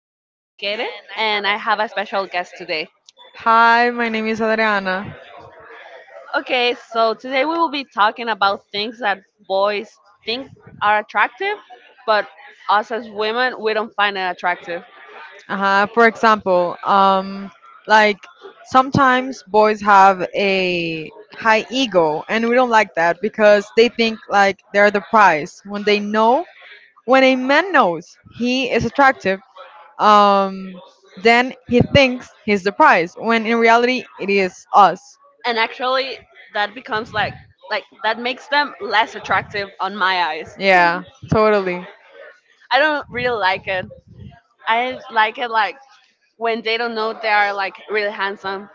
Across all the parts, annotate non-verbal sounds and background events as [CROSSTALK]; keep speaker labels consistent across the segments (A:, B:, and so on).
A: Keren, and I have a special guest today.
B: Hi, my name is Adriana.
A: Okay, so today we will be talking about things that boys think are attractive, but us as women, we don't find it attractive.
B: For example, like sometimes boys have a high ego, and we don't like that because they think like they're the prize. When a man knows he is attractive, um, then he thinks he's the prize. When in reality, it is us.
A: And actually, that becomes like that makes them less attractive on my eyes.
B: Yeah, totally.
A: I don't really like it. I like it like when they don't know they are like really handsome.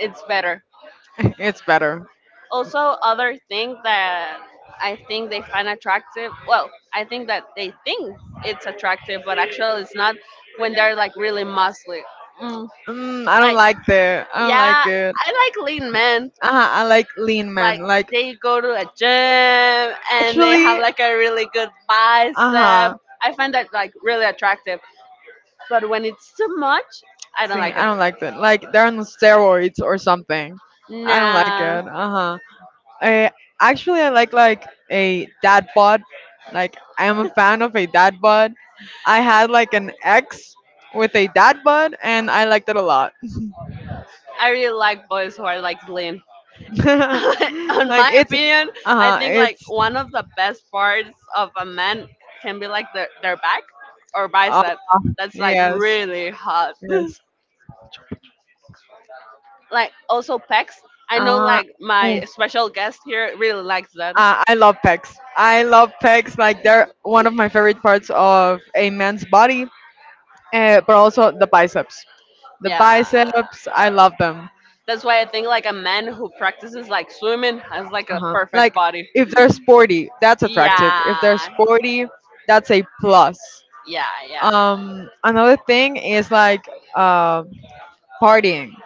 A: It's better.
B: [LAUGHS] It's better.
A: Also other thing that I think they find attractive well I think that they think it's attractive but actually it's not when they're like really muscly mm,
B: Mm, I don't
A: like
B: like the. I don't
A: yeah
B: like it.
A: I like lean men
B: Uh-huh, I like lean men.
A: like
B: Like
A: they go to a gym and they
B: actually,
A: have like a really good
B: uh
A: bicep
B: huh.
A: I find that like really attractive but when it's too much I don't
B: See,
A: like
B: I
A: it
B: don't like that. Like they're on steroids or something. I don't like
A: nah
B: it. Uh huh. I actually I like a dad bod. Like I am a fan of a dad bod. I had like an ex with a dad bod, and I liked it a lot.
A: I really like boys who are like lean
B: [LAUGHS]
A: [LAUGHS] on
B: Like
A: my
B: it's,
A: opinion,
B: uh
A: I
B: huh.
A: think like
B: It's,
A: one of the best parts of a man can be like their back or
B: oh,
A: bicep. That's like
B: yes,
A: really hot. [LAUGHS]
B: yes.
A: like also pecs. I know
B: Uh,
A: like my special guest here really likes that.
B: I love pecs. I love pecs. Like they're one of my favorite parts of a man's body, but also the biceps. The
A: Yeah.
B: biceps, I love them.
A: That's why I think like a man who practices like swimming has like a
B: Uh-huh.
A: perfect
B: Like
A: body.
B: if they're sporty, that's attractive. If they're
A: Yeah.
B: sporty, that's a plus.
A: Yeah, yeah.
B: Another thing is like uh, partying.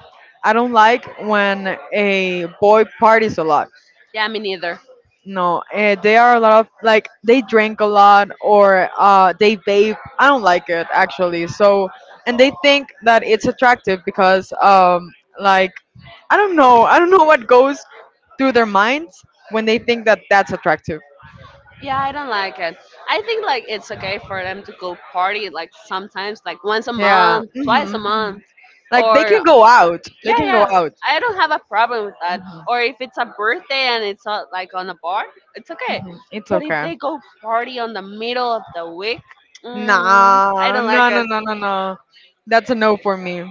B: I don't like when a boy parties a lot.
A: Yeah, me neither.
B: No, they are a lot of, like, they drink a lot or they vape. I don't like it actually. So, and they think that it's attractive because, like, I don't know what goes through their minds when they think that that's attractive.
A: Yeah, I don't like it. I think like it's okay for them to go party like sometimes, like once a
B: Yeah.
A: month, twice
B: Hmm.
A: a month,
B: Like they
A: or
B: can go out. They
A: yeah,
B: can go
A: yeah.
B: out.
A: I don't have a problem with that.
B: Hmm,
A: Or
B: hmm.
A: if it's a birthday and it's not like on a bar, it's okay.
B: It's
A: But if
B: okay.
A: they go party on the middle of the week, mm, I
B: Nah,
A: don't
B: no,
A: like
B: no,
A: it.
B: no, no, no. That's a no for me.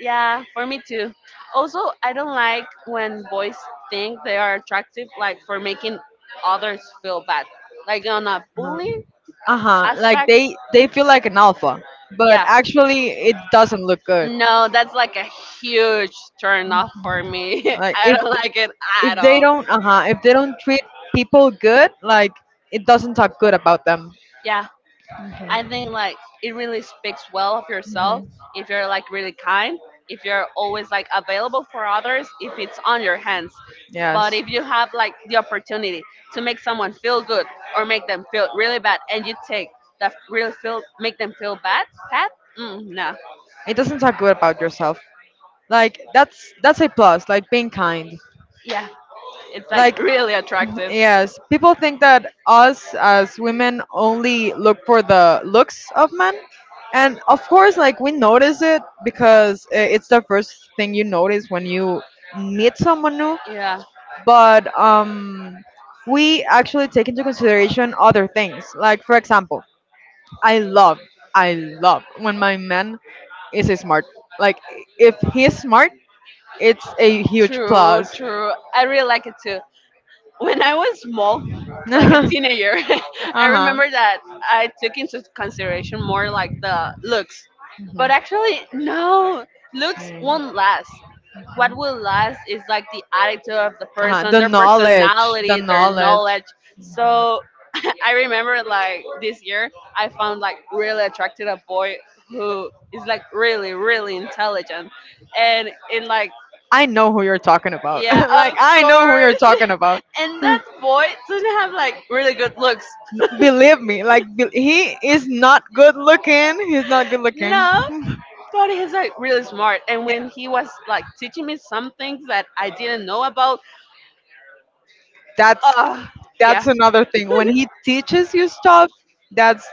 A: Yeah, for me too. Also, I don't like when boys think they are attractive, like for making others feel bad, like on a bullying
B: Uh huh. Like
A: aspect.
B: they feel like an alpha, but
A: Yeah,
B: actually it doesn't look good.
A: No, that's like a huge turn off for me. [LAUGHS]
B: Like
A: I
B: if
A: don't like it at
B: if they
A: all.
B: don't, uh huh, if they don't treat people good, like it doesn't talk good about them.
A: Yeah, I think like it really speaks well of
B: Mhm.
A: yourself
B: Mhm.
A: if you're like really kind, if you're always like available for others, if it's on your hands.
B: Yes.
A: But if you have like the opportunity to make someone feel good or make them feel really bad and you take that really feel make them feel bad, bad? Mm, no.
B: It doesn't talk good about yourself. Like that's a plus. Like being kind.
A: Yeah, it's like
B: Like
A: really
B: [LAUGHS]
A: attractive.
B: yes, people think that us as women only look for the looks of men, and of course, like we notice it because it's the first thing you notice when you meet someone new.
A: Yeah.
B: But we actually take into consideration other things. Like for example, I love, I love when my man is smart. Like if he's smart, it's a huge
A: True,
B: plus. [LAUGHS]
A: true. I really like it too. When I was small,
B: Uh
A: like a
B: huh.
A: teenager, [LAUGHS] I
B: Uh-huh.
A: remember that I took into consideration more like the looks. But actually, no, looks won't last. What will last is like the attitude of the person,
B: The
A: their
B: knowledge, the
A: personality, their
B: knowledge.
A: knowledge. So [LAUGHS] I remember like this year, I found like really attracted a boy who is like really, really intelligent. And it like,
B: I know who you're talking about. [LAUGHS]
A: yeah,
B: Like
A: of
B: I know who you're
A: course.
B: talking about.
A: And that boy doesn't have like really good looks.
B: No, believe me, like he is not good looking. He's not good looking.
A: No,
B: [LAUGHS]
A: but he's like really smart. And when he was like teaching me some things that I didn't know about,
B: That's
A: uh, yeah,
B: that's another thing. When he
A: [LAUGHS]
B: teaches you stuff, that's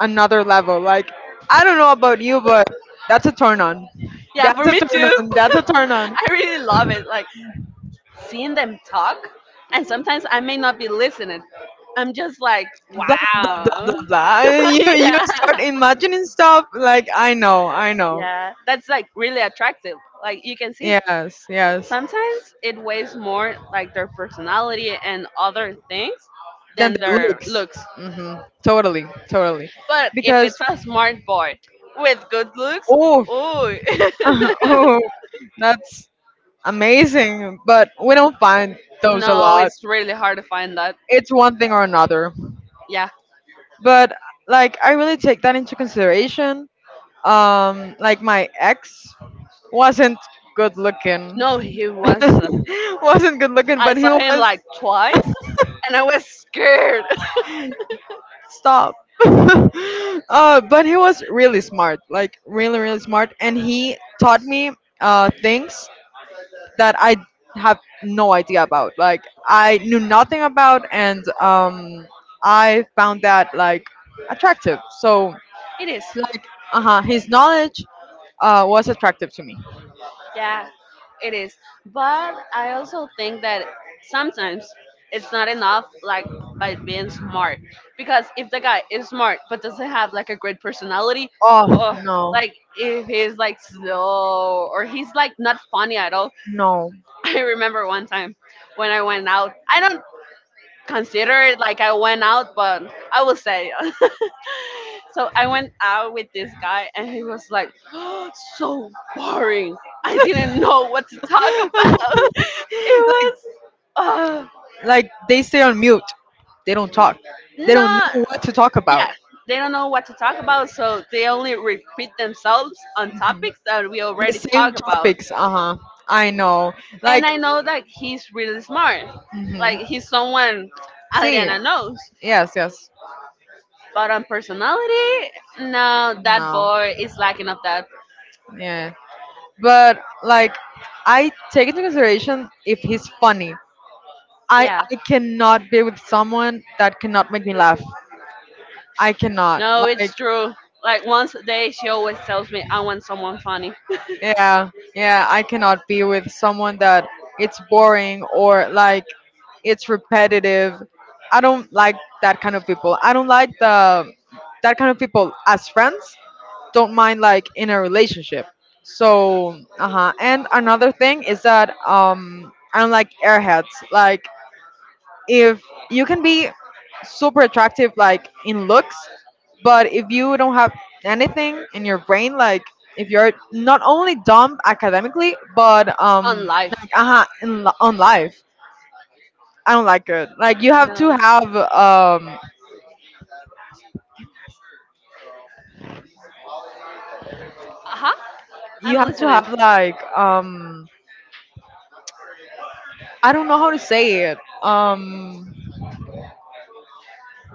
B: another level. Like I don't know about you, but that's a turn on.
A: yeah,
B: That's
A: for
B: a
A: me
B: turn
A: too.
B: on.
A: [LAUGHS]
B: That's a turn on.
A: I really love it. Like seeing them talk, and sometimes I may not be listening. I'm just like,
B: Blah blah blah blah
A: wow.
B: blah. And
A: [LAUGHS]
B: you
A: yeah.
B: start imagining stuff. Like I know, I know.
A: Yeah. That's like really attractive. Like you can see
B: Yes, yes.
A: sometimes it weighs more like their personality and other things
B: Then
A: than
B: the
A: their
B: looks.
A: looks.
B: Mm hmm Totally, totally.
A: But if
B: Because
A: it's a smart boy with good looks,
B: Oh,
A: ooh.
B: [LAUGHS] oh, that's amazing. But we don't find
A: [LAUGHS]
B: those a
A: no,
B: lot.
A: it's really hard to find that.
B: It's one thing or another.
A: Yeah.
B: But like I really take that into consideration. Like my ex wasn't good looking.
A: No, he wasn't.
B: [LAUGHS] Wasn't good looking,
A: I
B: but he
A: saw
B: was
A: him like twice and I was scared. [LAUGHS]
B: stop. [LAUGHS] But he was really smart, like really, really smart, and he taught me things that I have no idea about. Like I knew nothing about, and I found that like attractive. So,
A: It is.
B: like, uh huh, his knowledge was attractive to me.
A: Yeah, it is. But I also think that sometimes it's not enough, like by being smart. Because if the guy is smart but doesn't have like a great personality,
B: Oh,
A: oh,
B: no.
A: like if he's like slow or he's like not funny at all.
B: No.
A: [LAUGHS] I remember one time when I went out. I don't consider it like I went out, but I will say. [LAUGHS] so I went out with this guy, and he was like, [GASPS] so boring. I didn't know what to talk
B: [LAUGHS]
A: about. [LAUGHS] It was uh,
B: Like, they stay on mute. They don't talk. They don't
A: not,
B: know what to talk about.
A: yeah, they don't know what to talk about, so they only repeat themselves on topics that we
B: The
A: already talked
B: same
A: about.
B: topics. Uh huh. I know.
A: And
B: Like,
A: I know that he's really smart. Like,
B: hmm,
A: he's someone
B: see.
A: Adriana knows.
B: Yes, yes.
A: But on personality, no, that
B: No.
A: boy is lacking of that.
B: Yeah. But like I take into consideration if he's funny. I
A: Yeah.
B: I cannot be with someone that cannot make me laugh. I cannot.
A: No,
B: Like
A: it's true. Like once a day, she always tells me I want someone funny
B: yeah, yeah, I cannot be with someone that it's boring or like it's repetitive. I don't like that kind of people. I don't like the that kind of people as friends. Don't mind like in a relationship. So, uh-huh. And another thing is that I don't like airheads. Like if you can be super attractive like in looks, but if you don't have anything in your brain, like if you're not only dumb academically but
A: on life.
B: on life, I don't like it. Like you have to
A: No.
B: have,
A: Uh huh. I'm listening.
B: like, I don't know how to say it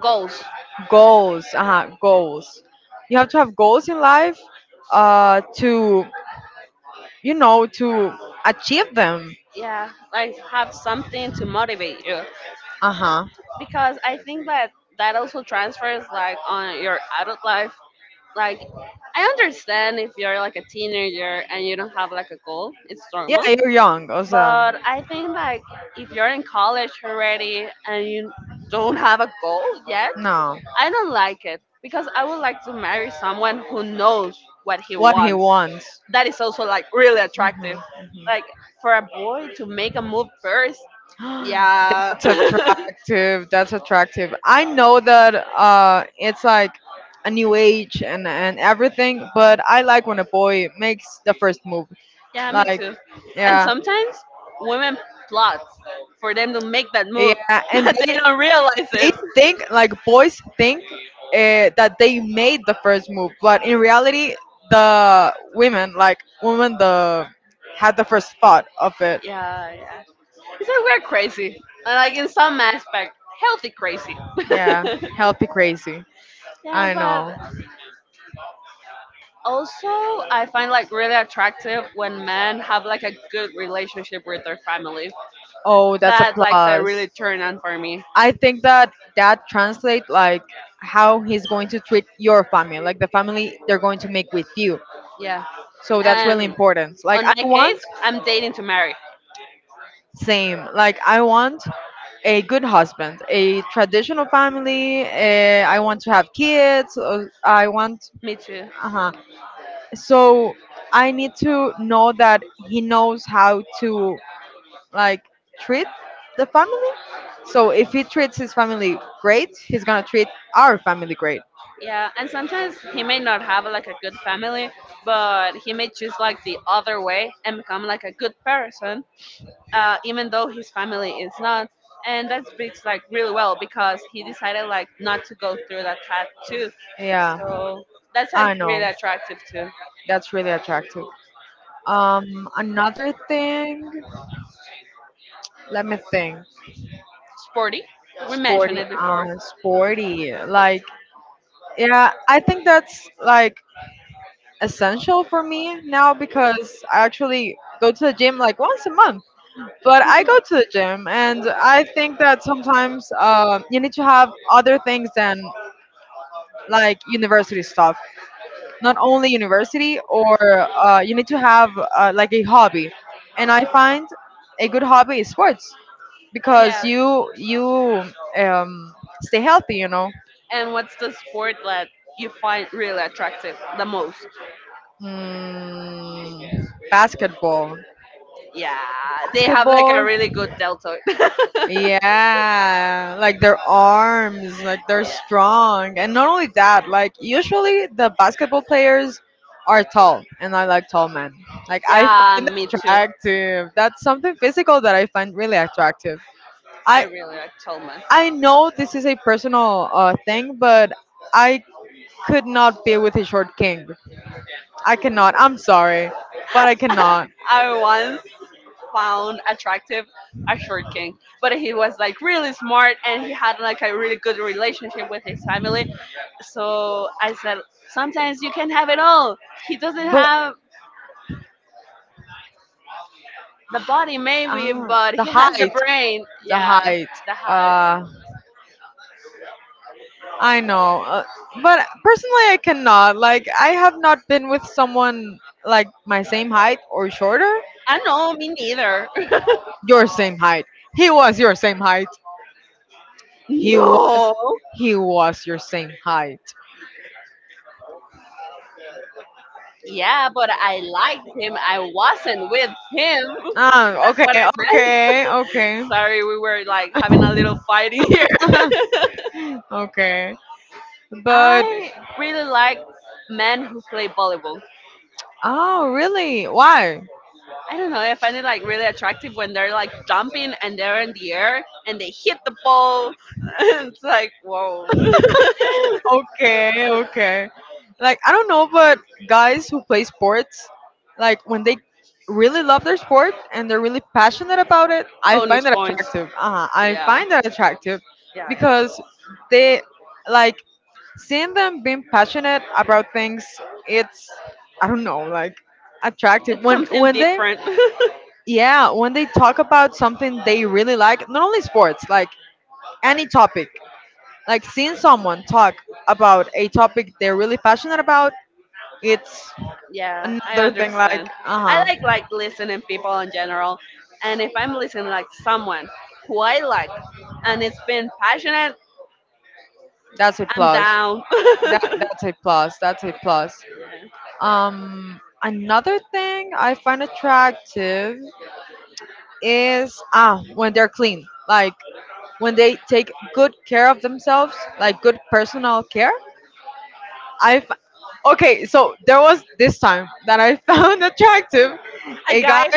A: Goals.
B: goals, uh huh, goals. You have to have goals in life, to, you know, to achieve them.
A: Yeah. Like have something to motivate you.
B: Uh-huh.
A: Because I think that that also transfers like on your adult life. Like I understand if you're like a teenager and you don't have like a goal, it's
B: Yeah,
A: normal.
B: you're young. Also,
A: But I think like if you're in college already and you don't have a goal yet,
B: no,
A: I don't like it because I would like to marry someone who knows what he
B: what he
A: wants.
B: wants.
A: That is also like really attractive.
B: Mhm,
A: Like for a boy to make a move first,
B: mhm. [GASPS]
A: yeah.
B: That's attractive. That's attractive. I know that, it's like a new age and everything, but I like when a boy makes the first move.
A: [LAUGHS] yeah, me
B: Like,
A: too. And
B: yeah.
A: sometimes women plot for them to make that
B: Yeah,
A: move, [LAUGHS]
B: and
A: but
B: [LAUGHS] They
A: they
B: they
A: don't realize
B: they
A: it.
B: think like boys think that they made the first move, but in reality, the women, like women the had the first thought of it.
A: Yeah, yeah. It's like we're crazy, like in some aspect, healthy crazy.
B: Yeah,
A: [LAUGHS]
B: [LAUGHS] healthy crazy.
A: yeah,
B: I
A: but
B: know.
A: also I find like really attractive when men have like a good relationship with their family.
B: Oh, that's a
A: That likes a
B: plus.
A: really turn on for me.
B: I think that that translates like how he's going to treat your family, like the family they're going to make with you.
A: Yeah,
B: So that's really
A: and
B: important. Like
A: on
B: I
A: my case,
B: want
A: I'm dating to marry.
B: same. Like I want a good husband, a traditional family. I want to have kids. I want.
A: Me too.
B: Uh huh. So I need to know that he knows how to like treat the family. So if he treats his family great, he's gonna treat our family great.
A: Yeah, and sometimes he may not have like a good family, but he may choose like the other way and become like a good person even though his family is not. And that speaks like really well because he decided like not to go through that path too.
B: Yeah,
A: So that's like
B: I know.
A: really attractive too.
B: That's really attractive. Another thing. Let me think.
A: Sporty, we
B: Sporty,
A: mentioned it before.
B: sporty. Like, yeah, I think that's like essential for me now because I actually go to the gym like once a month. But I go to the gym, and I think that sometimes, you need to have other things than like university stuff. Not only university, or you need to have, like, a hobby. And I find a good hobby is sports because
A: Yeah.
B: you um, stay healthy.
A: And what's the sport that you find really attractive the most?
B: Hmm, basketball.
A: Yeah, they have like a
B: Basketball.
A: really good deltoid.
B: Yeah, like their arms, like they're strong. And not only that, like usually the basketball players are tall, and I like tall men. Like
A: [LAUGHS]
B: I
A: yeah,
B: find it
A: me too.
B: attractive. That's something physical that I find really attractive.
A: I
B: I
A: really like Tolman.
B: I know this is a personal thing, but I could not be with a short king. I cannot. I'm sorry, but I
A: [LAUGHS]
B: cannot.
A: I once found attractive a short king. But he was like really smart and he had like a really good relationship with his family. So I said, sometimes you can have it all. He doesn't
B: But
A: have the body maybe, but
B: the
A: he has the
B: height,
A: brain.
B: the
A: Yeah,
B: height.
A: the heart.
B: Uh, I know, but personally, I cannot. Like, I have not been with someone like my same height or shorter.
A: I know, me neither.
B: Your same height. He was your same height.
A: [LAUGHS]
B: He was.
A: no.
B: He was your same height.
A: Yeah, but I liked him. I wasn't with him.
B: Ah,
A: That's
B: okay,
A: what I meant.
B: okay, okay,
A: Sorry, we were like having a little fighting here.
B: [LAUGHS]
A: [LAUGHS]
B: okay. But
A: I really like men who play volleyball.
B: oh, really? Why?
A: I don't know. I find it like really attractive when they're like jumping and they're in the air and they hit the ball. [LAUGHS] it's like whoa,
B: [LAUGHS] Okay, okay. Like I don't know, but guys who play sports, like when they really love their sport and they're really passionate about it,
A: [LAUGHS]
B: I find
A: bonus
B: that
A: points.
B: attractive. Uh-huh. I
A: Yeah,
B: find that attractive
A: yeah, yeah.
B: because they like seeing them being passionate about things, it's, I don't know, like, attractive.
A: It's
B: When
A: something
B: when they,
A: different.
B: yeah, when they talk about something they really like, not only sports, like any topic. Like seeing someone talk about a topic they're really passionate about, it's
A: [LAUGHS] yeah, I
B: another thing. Like,
A: understand. I
B: uh huh,
A: like listening people in general, and if I'm listening like someone who I like, and it's been passionate,
B: that's a
A: I'm
B: plus.
A: down.
B: That
A: [LAUGHS]
B: that's a plus. That's a plus. Another thing I find attractive is when they're clean, like when they take good care of themselves, like good personal care. I f- okay, so there was this time that I found [LAUGHS] attractive
A: a
B: a guy,
A: guy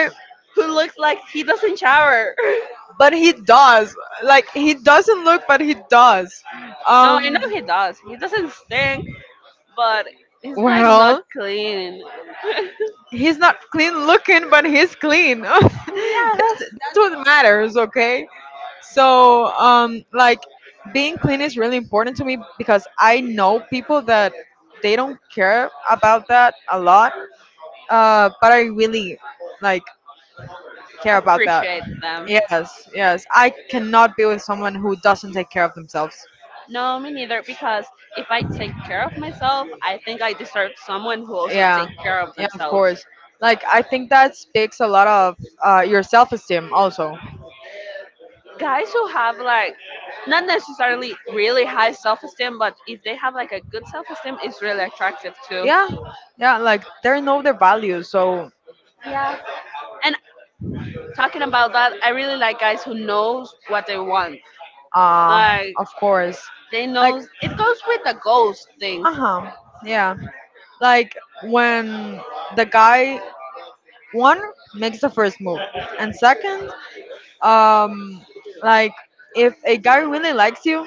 A: who looks like he doesn't shower. [LAUGHS]
B: but he does, like, he doesn't look, but he does.
A: No, I
B: Um,
A: know he does. He doesn't stink, but he's like not
B: well,
A: clean.
B: he's not clean looking, but he's clean. [LAUGHS] that's,
A: [LAUGHS] yeah,
B: that's what matters, okay? So, like, being clean is really important to me because I know people that they don't care about that a lot, but I really like care about that.
A: appreciate them.
B: Yes, yes. I cannot be with someone who doesn't take care of themselves.
A: No, me neither. Because if I take care of myself, I think I deserve someone who also
B: Yeah,
A: take care of
B: yeah, of
A: themselves.
B: course. Like I think that speaks a lot of, your self-esteem also.
A: Guys who have like not necessarily really high self esteem, but if they have like a good self esteem, it's really attractive too.
B: Yeah, yeah. Like they know their values, so,
A: Yeah, and talking about that, I really like guys who knows what they want. Like
B: of course.
A: they
B: Like
A: knows it goes with the goals things.
B: uh huh. Yeah. Like when the guy, one, makes the first move, and second, um, like, if a guy really likes you,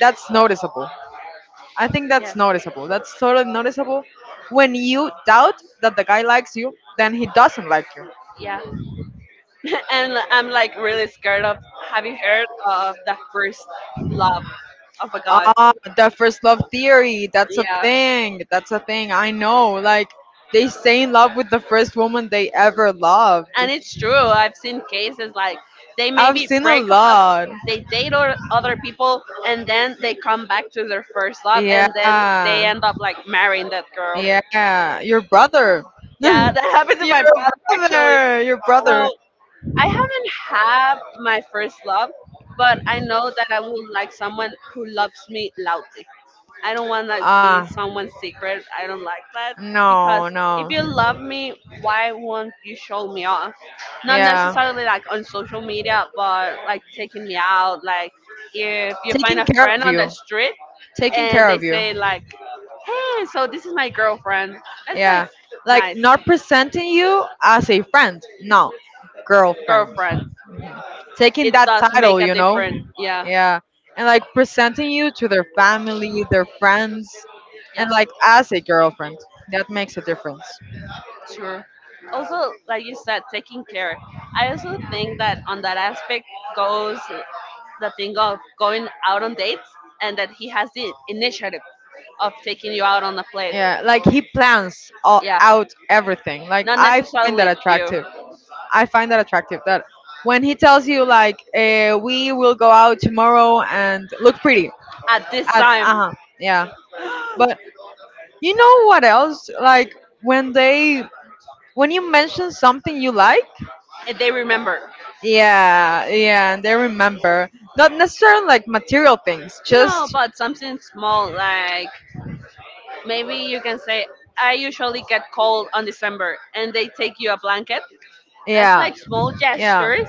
B: that's noticeable. I think that's
A: Yes.
B: noticeable. That's totally noticeable. When you doubt that the guy likes you, then he doesn't like you.
A: Yeah. [LAUGHS] and I'm like really scared of have you heard of the first love of a guy?
B: Ah, the first love theory. That's a
A: Yeah.
B: thing. That's a thing. I know. Like, they stay in love with the first woman they ever loved.
A: And it's true. I've seen cases like they
B: I've
A: maybe
B: seen a
A: break up,
B: lot.
A: they date or other people and then they come back to their first love
B: Yeah.
A: and then they end up like marrying that girl.
B: Yeah. Your brother. [LAUGHS]
A: Yeah, that [LAUGHS] happened to
B: Your
A: my brother actually.
B: brother. Your
A: So.
B: brother.
A: I haven't had my first love, but I know that I would like someone who loves me loudly. I don't want to be
B: Ah.
A: someone's secret. I don't like that because
B: No,
A: if
B: no.
A: you love me, why won't you show me off? Not
B: Yeah.
A: necessarily like on social media, but like taking me out. Like if you find
B: Taking
A: a
B: care
A: friend
B: of
A: on the
B: you.
A: street
B: Taking
A: and
B: care
A: they
B: of you.
A: say like, "Hey, so this is my girlfriend." That's like
B: Yeah. Like
A: nice
B: not presenting you as a friend. No. Girlfriend.
A: girlfriend.
B: Taking
A: It
B: that
A: does make
B: title,
A: a
B: you know?
A: difference. Yeah,
B: Yeah. And like presenting you to their family, their friends,
A: yeah.
B: and like as a girlfriend. That makes a difference.
A: Sure. Also, like you said, taking care. I also think that on that aspect goes the thing of going out on dates and that he has the initiative of taking you out on a place.
B: Yeah, like he plans all
A: Yeah,
B: out everything. Like
A: not
B: I find that
A: necessarily you
B: attractive. I find that attractive that when he tells you like, we will go out tomorrow and look pretty
A: at this
B: at,
A: time.
B: yeah. But
A: [GASPS]
B: you know what else? Like when they when you mention something you like,
A: And they remember.
B: yeah, yeah, and they remember. Not necessarily like material things,
A: No,
B: just
A: but something small like maybe you can say, I usually get cold on December and they take you a blanket That's
B: yeah.
A: like small
B: Yeah.
A: gestures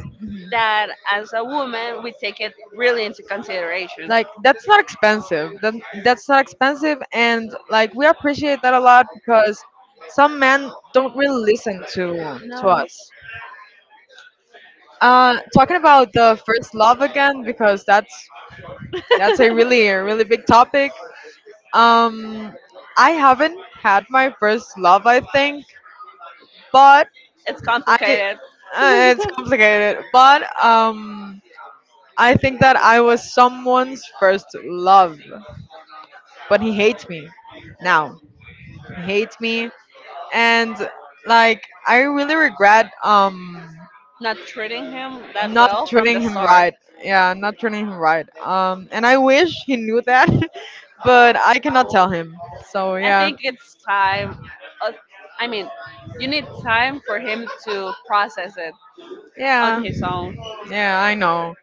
A: that, as a woman, we take it really into consideration.
B: Like that's not expensive that, that's not expensive and like we appreciate that a lot because some men don't really listen to
A: No,
B: us talking about the first love again because
A: [LAUGHS]
B: that's
A: it's
B: a really big topic. um I haven't had my first love I think, but I
A: complicated. [LAUGHS]
B: it's complicated, but I think that I was someone's first love, but he hates me now, hates me. And like I really regret
A: Not treating him that
B: not
A: well from the
B: treating him
A: start.
B: right. Yeah, not treating him right. And I wish he knew that, [LAUGHS] but I cannot tell him. So
A: I
B: yeah.
A: think it's time. Uh, I mean, you need time for him to process it on
B: Yeah.
A: his own.
B: Yeah, I know.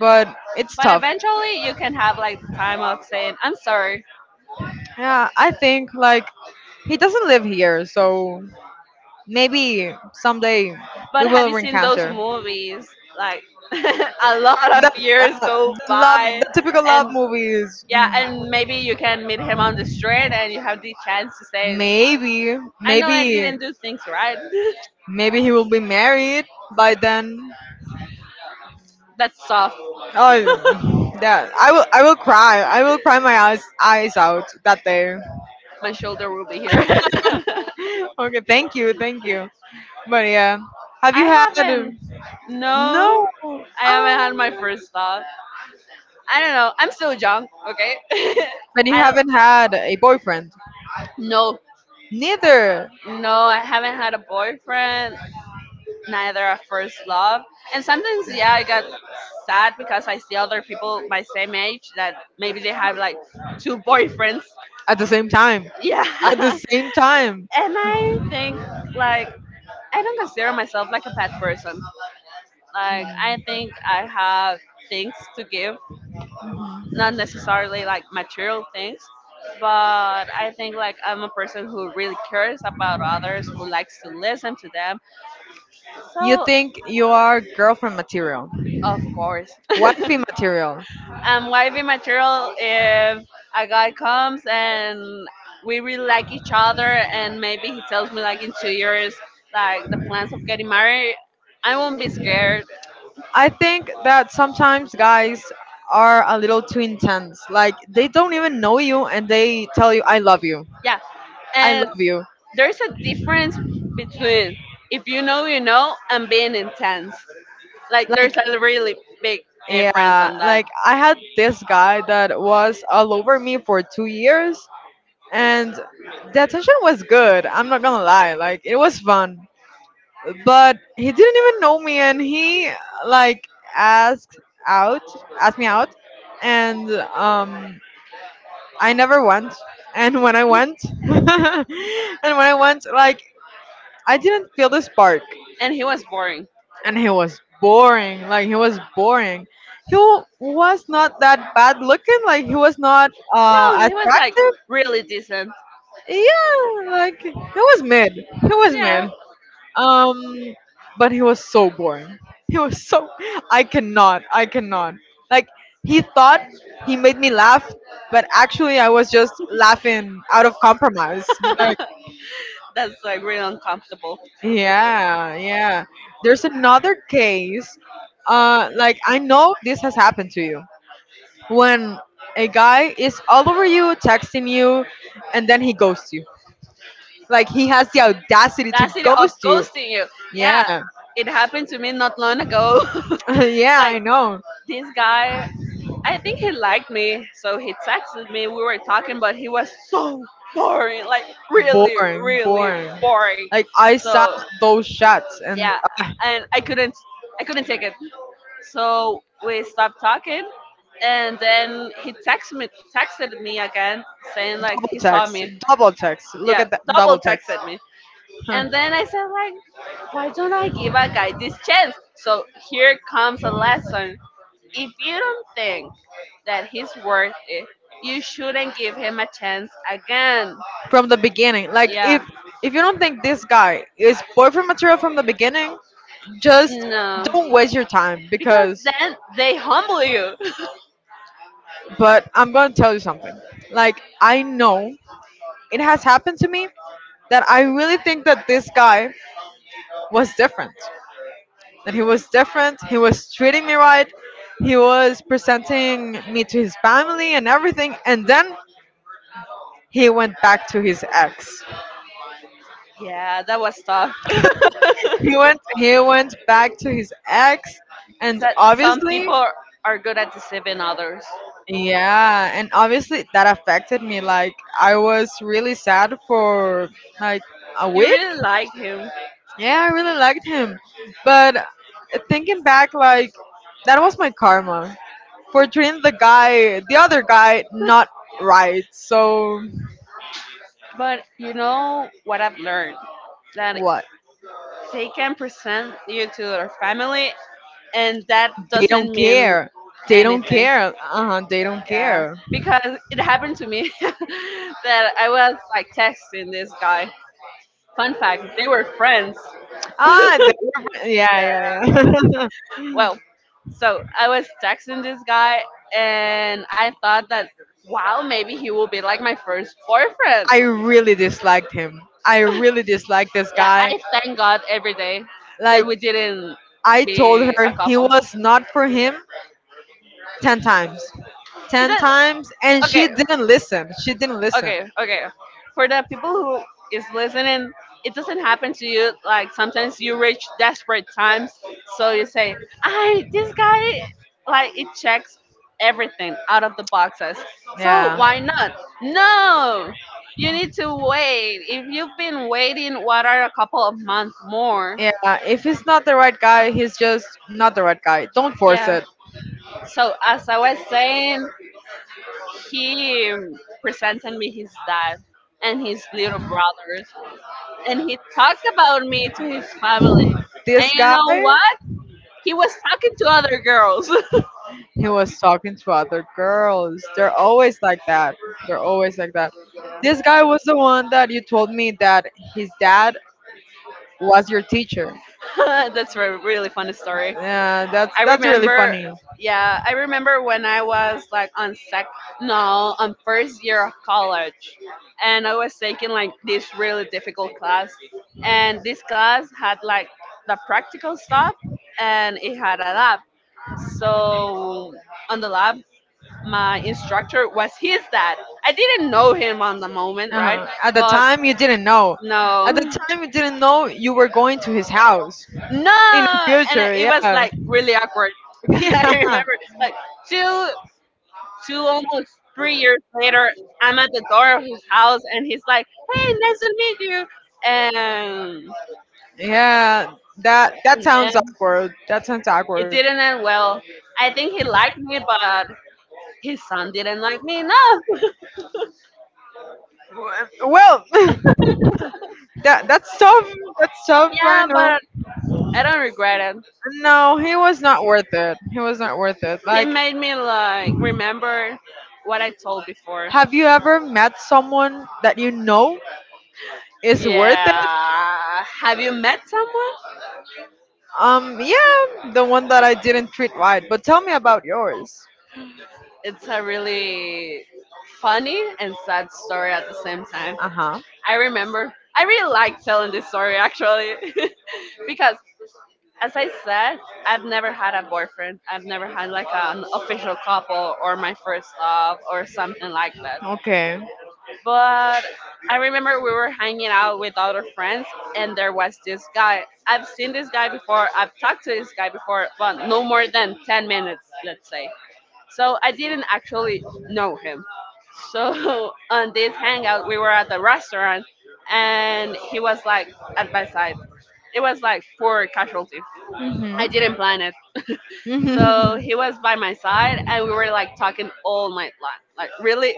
B: But it's
A: But
B: tough.
A: eventually, you can have like the time of saying, "I'm sorry."
B: Yeah, I think like he doesn't live here, so maybe someday we
A: But have you
B: will
A: seen those
B: encounter.
A: movies? Like, [LAUGHS]
B: The,
A: a lot of years go
B: the love,
A: by,
B: the typical love
A: and
B: movies.
A: yeah, and maybe you can meet him on the street and you have the chance to say,
B: Maybe,
A: I know I
B: maybe,
A: didn't do things right.
B: maybe he will be married by then.
A: [LAUGHS] That's soft. [LAUGHS]
B: Oh, that I will cry. I will cry my eyes out that day. [LAUGHS]
A: My shoulder will be here. [LAUGHS]
B: Okay, thank you, thank you. But yeah, have you
A: I
B: had?
A: haven't. No,
B: No. Oh.
A: I haven't had my first love. I don't know. I'm still young, okay? [LAUGHS]
B: But you
A: I
B: haven't had a boyfriend.
A: no,
B: Neither.
A: no, I haven't had a boyfriend, neither a first love. And sometimes yeah,
B: Yeah, I
A: I got
B: got like
A: sad because I see other people my same age that
B: that.
A: maybe they have like
B: Like,
A: two
B: friends.
A: boyfriends,
B: At the same time,
A: yeah.
B: at the
A: [LAUGHS] And
B: same time,
A: i think like I don't consider myself like a bad person. Like I think I have things to give, not necessarily like material things, but I think like I'm a person who really cares about others, who likes to listen to them,
B: you
A: so
B: think you are girlfriend material,
A: of course. [LAUGHS]
B: wifey material.
A: I'm wifey material if a guy comes and we really like each other and maybe he tells me like in 2 years, like the plans of getting married, I won't be scared.
B: I think that sometimes guys are a little too intense. Like they don't even know you and they tell you I love you.
A: Yeah.
B: I
A: And
B: love you.
A: there's a difference between if you know you know and being intense.
B: Like
A: Like there's a really big difference
B: yeah,
A: on that.
B: like I had this guy that was all over me for 2 years, and the attention was good. I'm not going to lie. Like it was fun, but he didn't even know me and he like asked out asked me out and um I never went. And when I went, [LAUGHS] and when I went, like I didn't feel the spark.
A: And he was boring.
B: And he was boring, like he was boring. Was not that bad looking, like he was not
A: No, he was like
B: attractive.
A: really decent.
B: Yeah, like he was mid, he was
A: Yeah.
B: mid. Um, but he was so boring. He was so. I cannot. I cannot. Like he thought he made me laugh, but actually I was just laughing out of compromise. Like
A: [LAUGHS] That's like really uncomfortable.
B: yeah, yeah. There's another case. Like I know this has happened to you when a guy is all over you, texting you, and then he ghosts you. Like he has the audacity to
A: That's it of
B: ghost you.
A: ghosting you.
B: Yeah,
A: Yeah, it happened to me not long ago.
B: [LAUGHS] yeah.
A: [LAUGHS] Like
B: I know.
A: this guy, I think he liked me, so he texted me. We were talking, but he was so boring, like really,
B: Boring,
A: really
B: boring.
A: boring.
B: Like I saw
A: So
B: those shots and
A: yeah, and I couldn't take it. So we stopped talking, and then he texted me again, saying like
B: double
A: he saw
B: text,
A: me.
B: double text. Look
A: Yeah,
B: at that
A: double
B: double text. [LAUGHS]
A: texted me.
B: Huh.
A: And then I said like, why don't I give a guy this chance? So here comes a lesson. If you don't think that he's worth it, you shouldn't give him a chance again.
B: From the beginning. Like
A: Yeah.
B: if you don't think this guy is boyfriend material from the beginning, just
A: No.
B: don't waste your time
A: Because
B: because
A: then they humble you.
B: but I'm going to tell you something. Like I know it has happened to me that I really think that this guy was different. That he was different, he was treating me right, he was presenting me to his family and everything, and then he went back to his ex.
A: [LAUGHS] Yeah, that was tough. [LAUGHS]
B: He went back to his ex. And
A: That some
B: obviously
A: people are good at deceiving others.
B: yeah, and obviously that affected me. Like I was really sad for like a
A: You
B: week.
A: really like him,
B: Yeah, I really liked him. But thinking back, like that was my karma for treating the other guy not right. So
A: but you know what I've learned? That
B: what?
A: they can present you to their family and that
B: They don't
A: doesn't mean
B: care. They don't
A: anything.
B: care. Uh huh. They don't
A: Yeah,
B: care.
A: because it happened to me [LAUGHS] that I was like texting this guy. Fun fact, they were friends. [LAUGHS] Yeah.
B: Ah, they, [LAUGHS] yeah, yeah, yeah. [LAUGHS]
A: Well, so I was texting this guy, and I thought that wow, maybe he will be like my first boyfriend.
B: I really disliked him. I really disliked this
A: Yeah, I
B: guy.
A: thank God every day that
B: Like
A: we didn't
B: I told
A: be
B: her
A: a
B: he
A: couple.
B: was not for him 10 times.
A: Is
B: 10
A: that
B: times and she
A: okay?
B: didn't listen. She didn't listen.
A: Okay, okay, for the people who is listening, it doesn't happen to you like sometimes you reach desperate times, so you say, I this guy like it checks everything out of the boxes, so
B: Yeah.
A: why not? No, you need to wait. If you've been waiting, what are a couple of months more?
B: Yeah, if he's not the right guy, he's just not the right guy. Don't force
A: Yeah,
B: it.
A: so as I was saying, he presented me his dad and his little brothers, and he talked about me to his family. And
B: This
A: you
B: guy
A: know what? He was talking to other girls. [LAUGHS]
B: he was talking to other girls. They're always like that. They're always like that. This guy was the one that you told me that his dad was your teacher.
A: [LAUGHS] That's a really funny story.
B: Yeah,
A: I
B: that's really
A: remember,
B: funny.
A: yeah, I remember when I was like on sec, no, on first year of college, and I was taking like this really difficult class, and this class had like the practical stuff, and it had a lab. So on the lab, my instructor was his dad. I didn't know him on the moment, right?
B: Uh-huh. At the
A: But
B: time, you didn't know. At the
A: no,
B: time, you didn't know you were going to his house in the
A: no, and
B: future.
A: it was
B: Yeah.
A: like really
B: [LAUGHS]
A: awkward [LAUGHS] because I remember
B: Yeah.
A: like two, two almost 3 years later, I'm at the door of his house, and he's like, "Hey, nice to meet you," and,
B: Yeah. That
A: and
B: sounds
A: then
B: awkward. That sounds
A: it
B: awkward.
A: didn't end well. I think he liked me, but his son didn't like me enough.
B: Well, [LAUGHS] that's tough. That's tough. I
A: Yeah,
B: know.
A: but I don't regret it.
B: No, he was not worth it. He was not worth it.
A: He
B: Like,
A: made me like remember what I told before.
B: have you ever met someone that you know is worth it?
A: Yeah. Have you met someone?
B: Yeah, the one that I didn't treat right. But tell me about yours.
A: It's a really funny and sad story at the same time.
B: Uh huh.
A: I remember I really like telling this story actually. [LAUGHS] Because as I said, I've never had a boyfriend. I've never had like an official couple or my first love or something like that.
B: Okay.
A: But I remember we were hanging out with other friends, and there was this guy. I've seen this guy before, I've talked to this guy before, but no more than 10 minutes, let's say. So I didn't actually know him. So [LAUGHS] on this hangout, we were at the restaurant, and he was like at my side. It was like for casualty. I didn't plan it. So
B: Mhm.
A: he
B: [LAUGHS]
A: was by my side, and we were like talking all night long, like really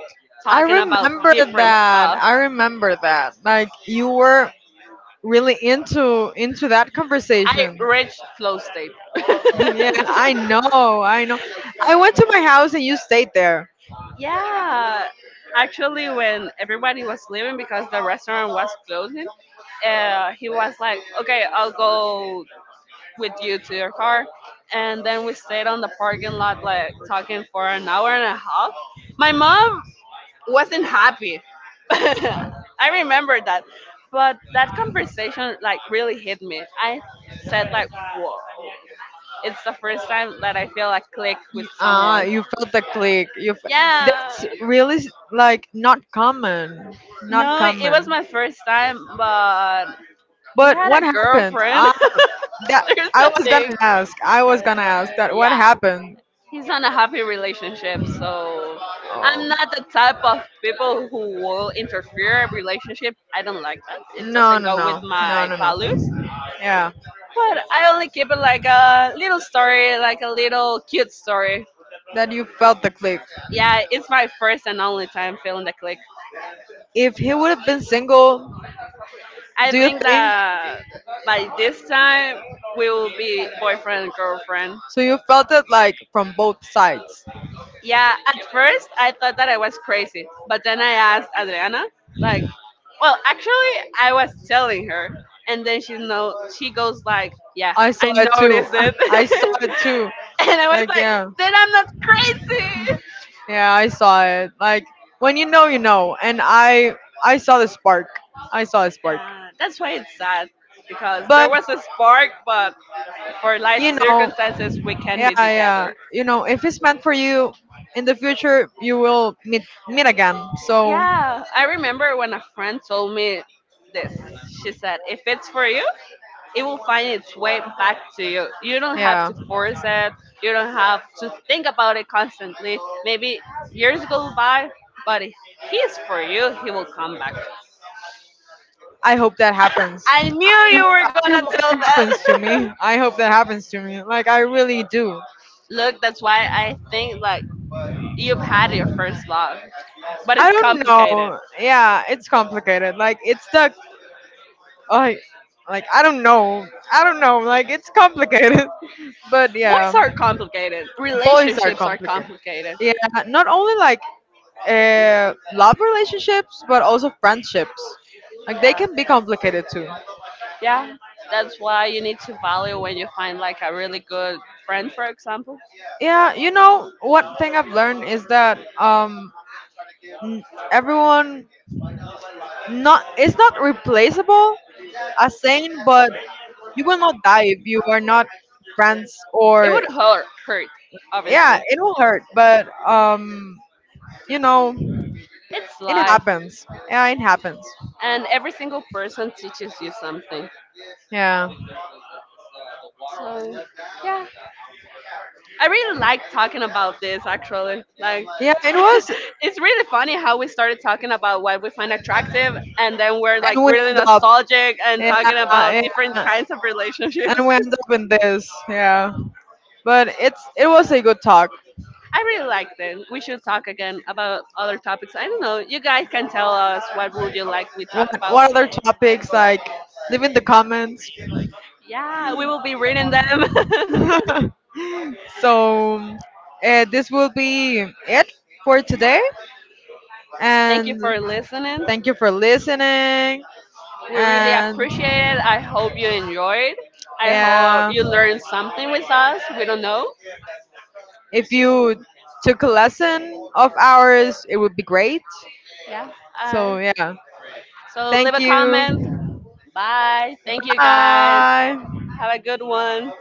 B: I
A: talking about
B: remember
A: different
B: that.
A: stuff.
B: I remember that. Like you were really into that
A: I
B: conversation. [LAUGHS]
A: reached flow state.
B: Yeah,
A: [LAUGHS]
B: I know. I know. I went to my house and you stayed there.
A: Yeah, actually, when everybody was leaving because the restaurant was closing, he was like, "Okay, I'll go with you to your car," and then we stayed on the parking lot like talking for an hour and a half. My mom wasn't happy. [LAUGHS] I remember that, but that conversation like really hit me. I said like, "Whoa." It's the first time that I feel a click with
B: You, ah,
A: someone.
B: you felt the click.
A: Yeah.
B: That's really like not common. Not
A: No, it was
B: common.
A: my first time, but he
B: But
A: had
B: what
A: a
B: happened?
A: girlfriend.
B: I that
A: [LAUGHS] There's
B: I
A: the
B: was gonna
A: thing.
B: ask. I was gonna ask that what
A: Yeah.
B: happened.
A: He's on a happy relationship, so
B: Oh.
A: I'm not the type of people who will interfere in a relationship. I don't like that. It
B: No,
A: doesn't
B: no,
A: go with
B: no, no,
A: my
B: no, no.
A: values.
B: Yeah,
A: But I only keep it like a little story, like a little cute story.
B: that you felt the click.
A: Yeah, it's my first and only time feeling the click.
B: If he would have been single,
A: I
B: do you
A: think
B: think?
A: that by this time we will be boyfriend and girlfriend.
B: So you felt it like from both sides.
A: Yeah, at first I thought that I was crazy, but then I asked Adriana, like, well, actually I was telling her, and then she know she goes like, yeah,
B: I saw
A: I
B: it too.
A: noticed it,
B: [LAUGHS] I saw it too.
A: [LAUGHS] and I was
B: Like
A: like,
B: yeah,
A: then I'm not crazy.
B: yeah, I saw it. Like when you know, you know. I saw the spark. I saw a spark.
A: Yeah, that's why it's sad because there
B: But
A: was a spark, but for life
B: you know,
A: circumstances we can
B: yeah,
A: be
B: yeah.
A: together.
B: You know, if it's meant for you, in the future you will meet meet again. So
A: Yeah, I remember when a friend told me this. She said, if it's for you, it will find its way back to you. You don't have
B: yeah,
A: to force it, you don't have to think about it constantly. Maybe years go by, but if he's for you, he will come back.
B: I hope that happens.
A: I knew you were
B: I
A: gonna
B: hope that
A: tell
B: happens to
A: that.
B: me. I hope that happens to me. Like I really do.
A: [LAUGHS] Look, that's why I think like you've had your first love, but
B: I
A: it's
B: don't
A: complicated.
B: know. Yeah, it's complicated. Like it's the I like I don't know. I don't know. Like it's complicated. [LAUGHS] But yeah,
A: What's are complicated?
B: boys are
A: Relationships are
B: complicated.
A: complicated.
B: Yeah, not only like love relationships, but also friendships. Like they
A: Yeah.
B: can be complicated too.
A: Yeah, that's why you need to value when you find like a really good friend, for example.
B: Yeah, you know what thing I've learned is that n- everyone not it's not replaceable as saying, but you will not die if you are not friends
A: It
B: or
A: would hurt,
B: yeah,
A: obviously.
B: it will hurt, but you know
A: It's
B: it
A: life,
B: happens. Yeah, it happens.
A: and every single person teaches you something.
B: Yeah.
A: So, yeah, I really like talking about this. Actually, like,
B: Yeah, it was.
A: [LAUGHS] it's really funny how we started talking about what we find attractive, and then we're like
B: And we end
A: really
B: up.
A: nostalgic and
B: Yeah,
A: talking about different
B: yeah.
A: kinds of
B: And
A: relationships.
B: we end up in this. Yeah. But it was a good talk.
A: I really liked it. We should talk again about other topics. I don't know. You guys can tell us what would you like we talk about.
B: What other topics? Like, leave in the comments.
A: Yeah, we will be reading them. [LAUGHS]
B: [LAUGHS] So, this will be it for today.
A: Thank you
B: And
A: for listening.
B: thank you for listening.
A: We really
B: And.
A: appreciate it. I hope you enjoyed. I hope
B: Yeah.
A: you learned something with us. We don't know.
B: If you took a lesson of ours, it would be great.
A: Yeah. Uh,
B: So, yeah.
A: so leave
B: Thank
A: a comment.
B: you.
A: Bye. Thank you guys.
B: Bye.
A: Have a good one.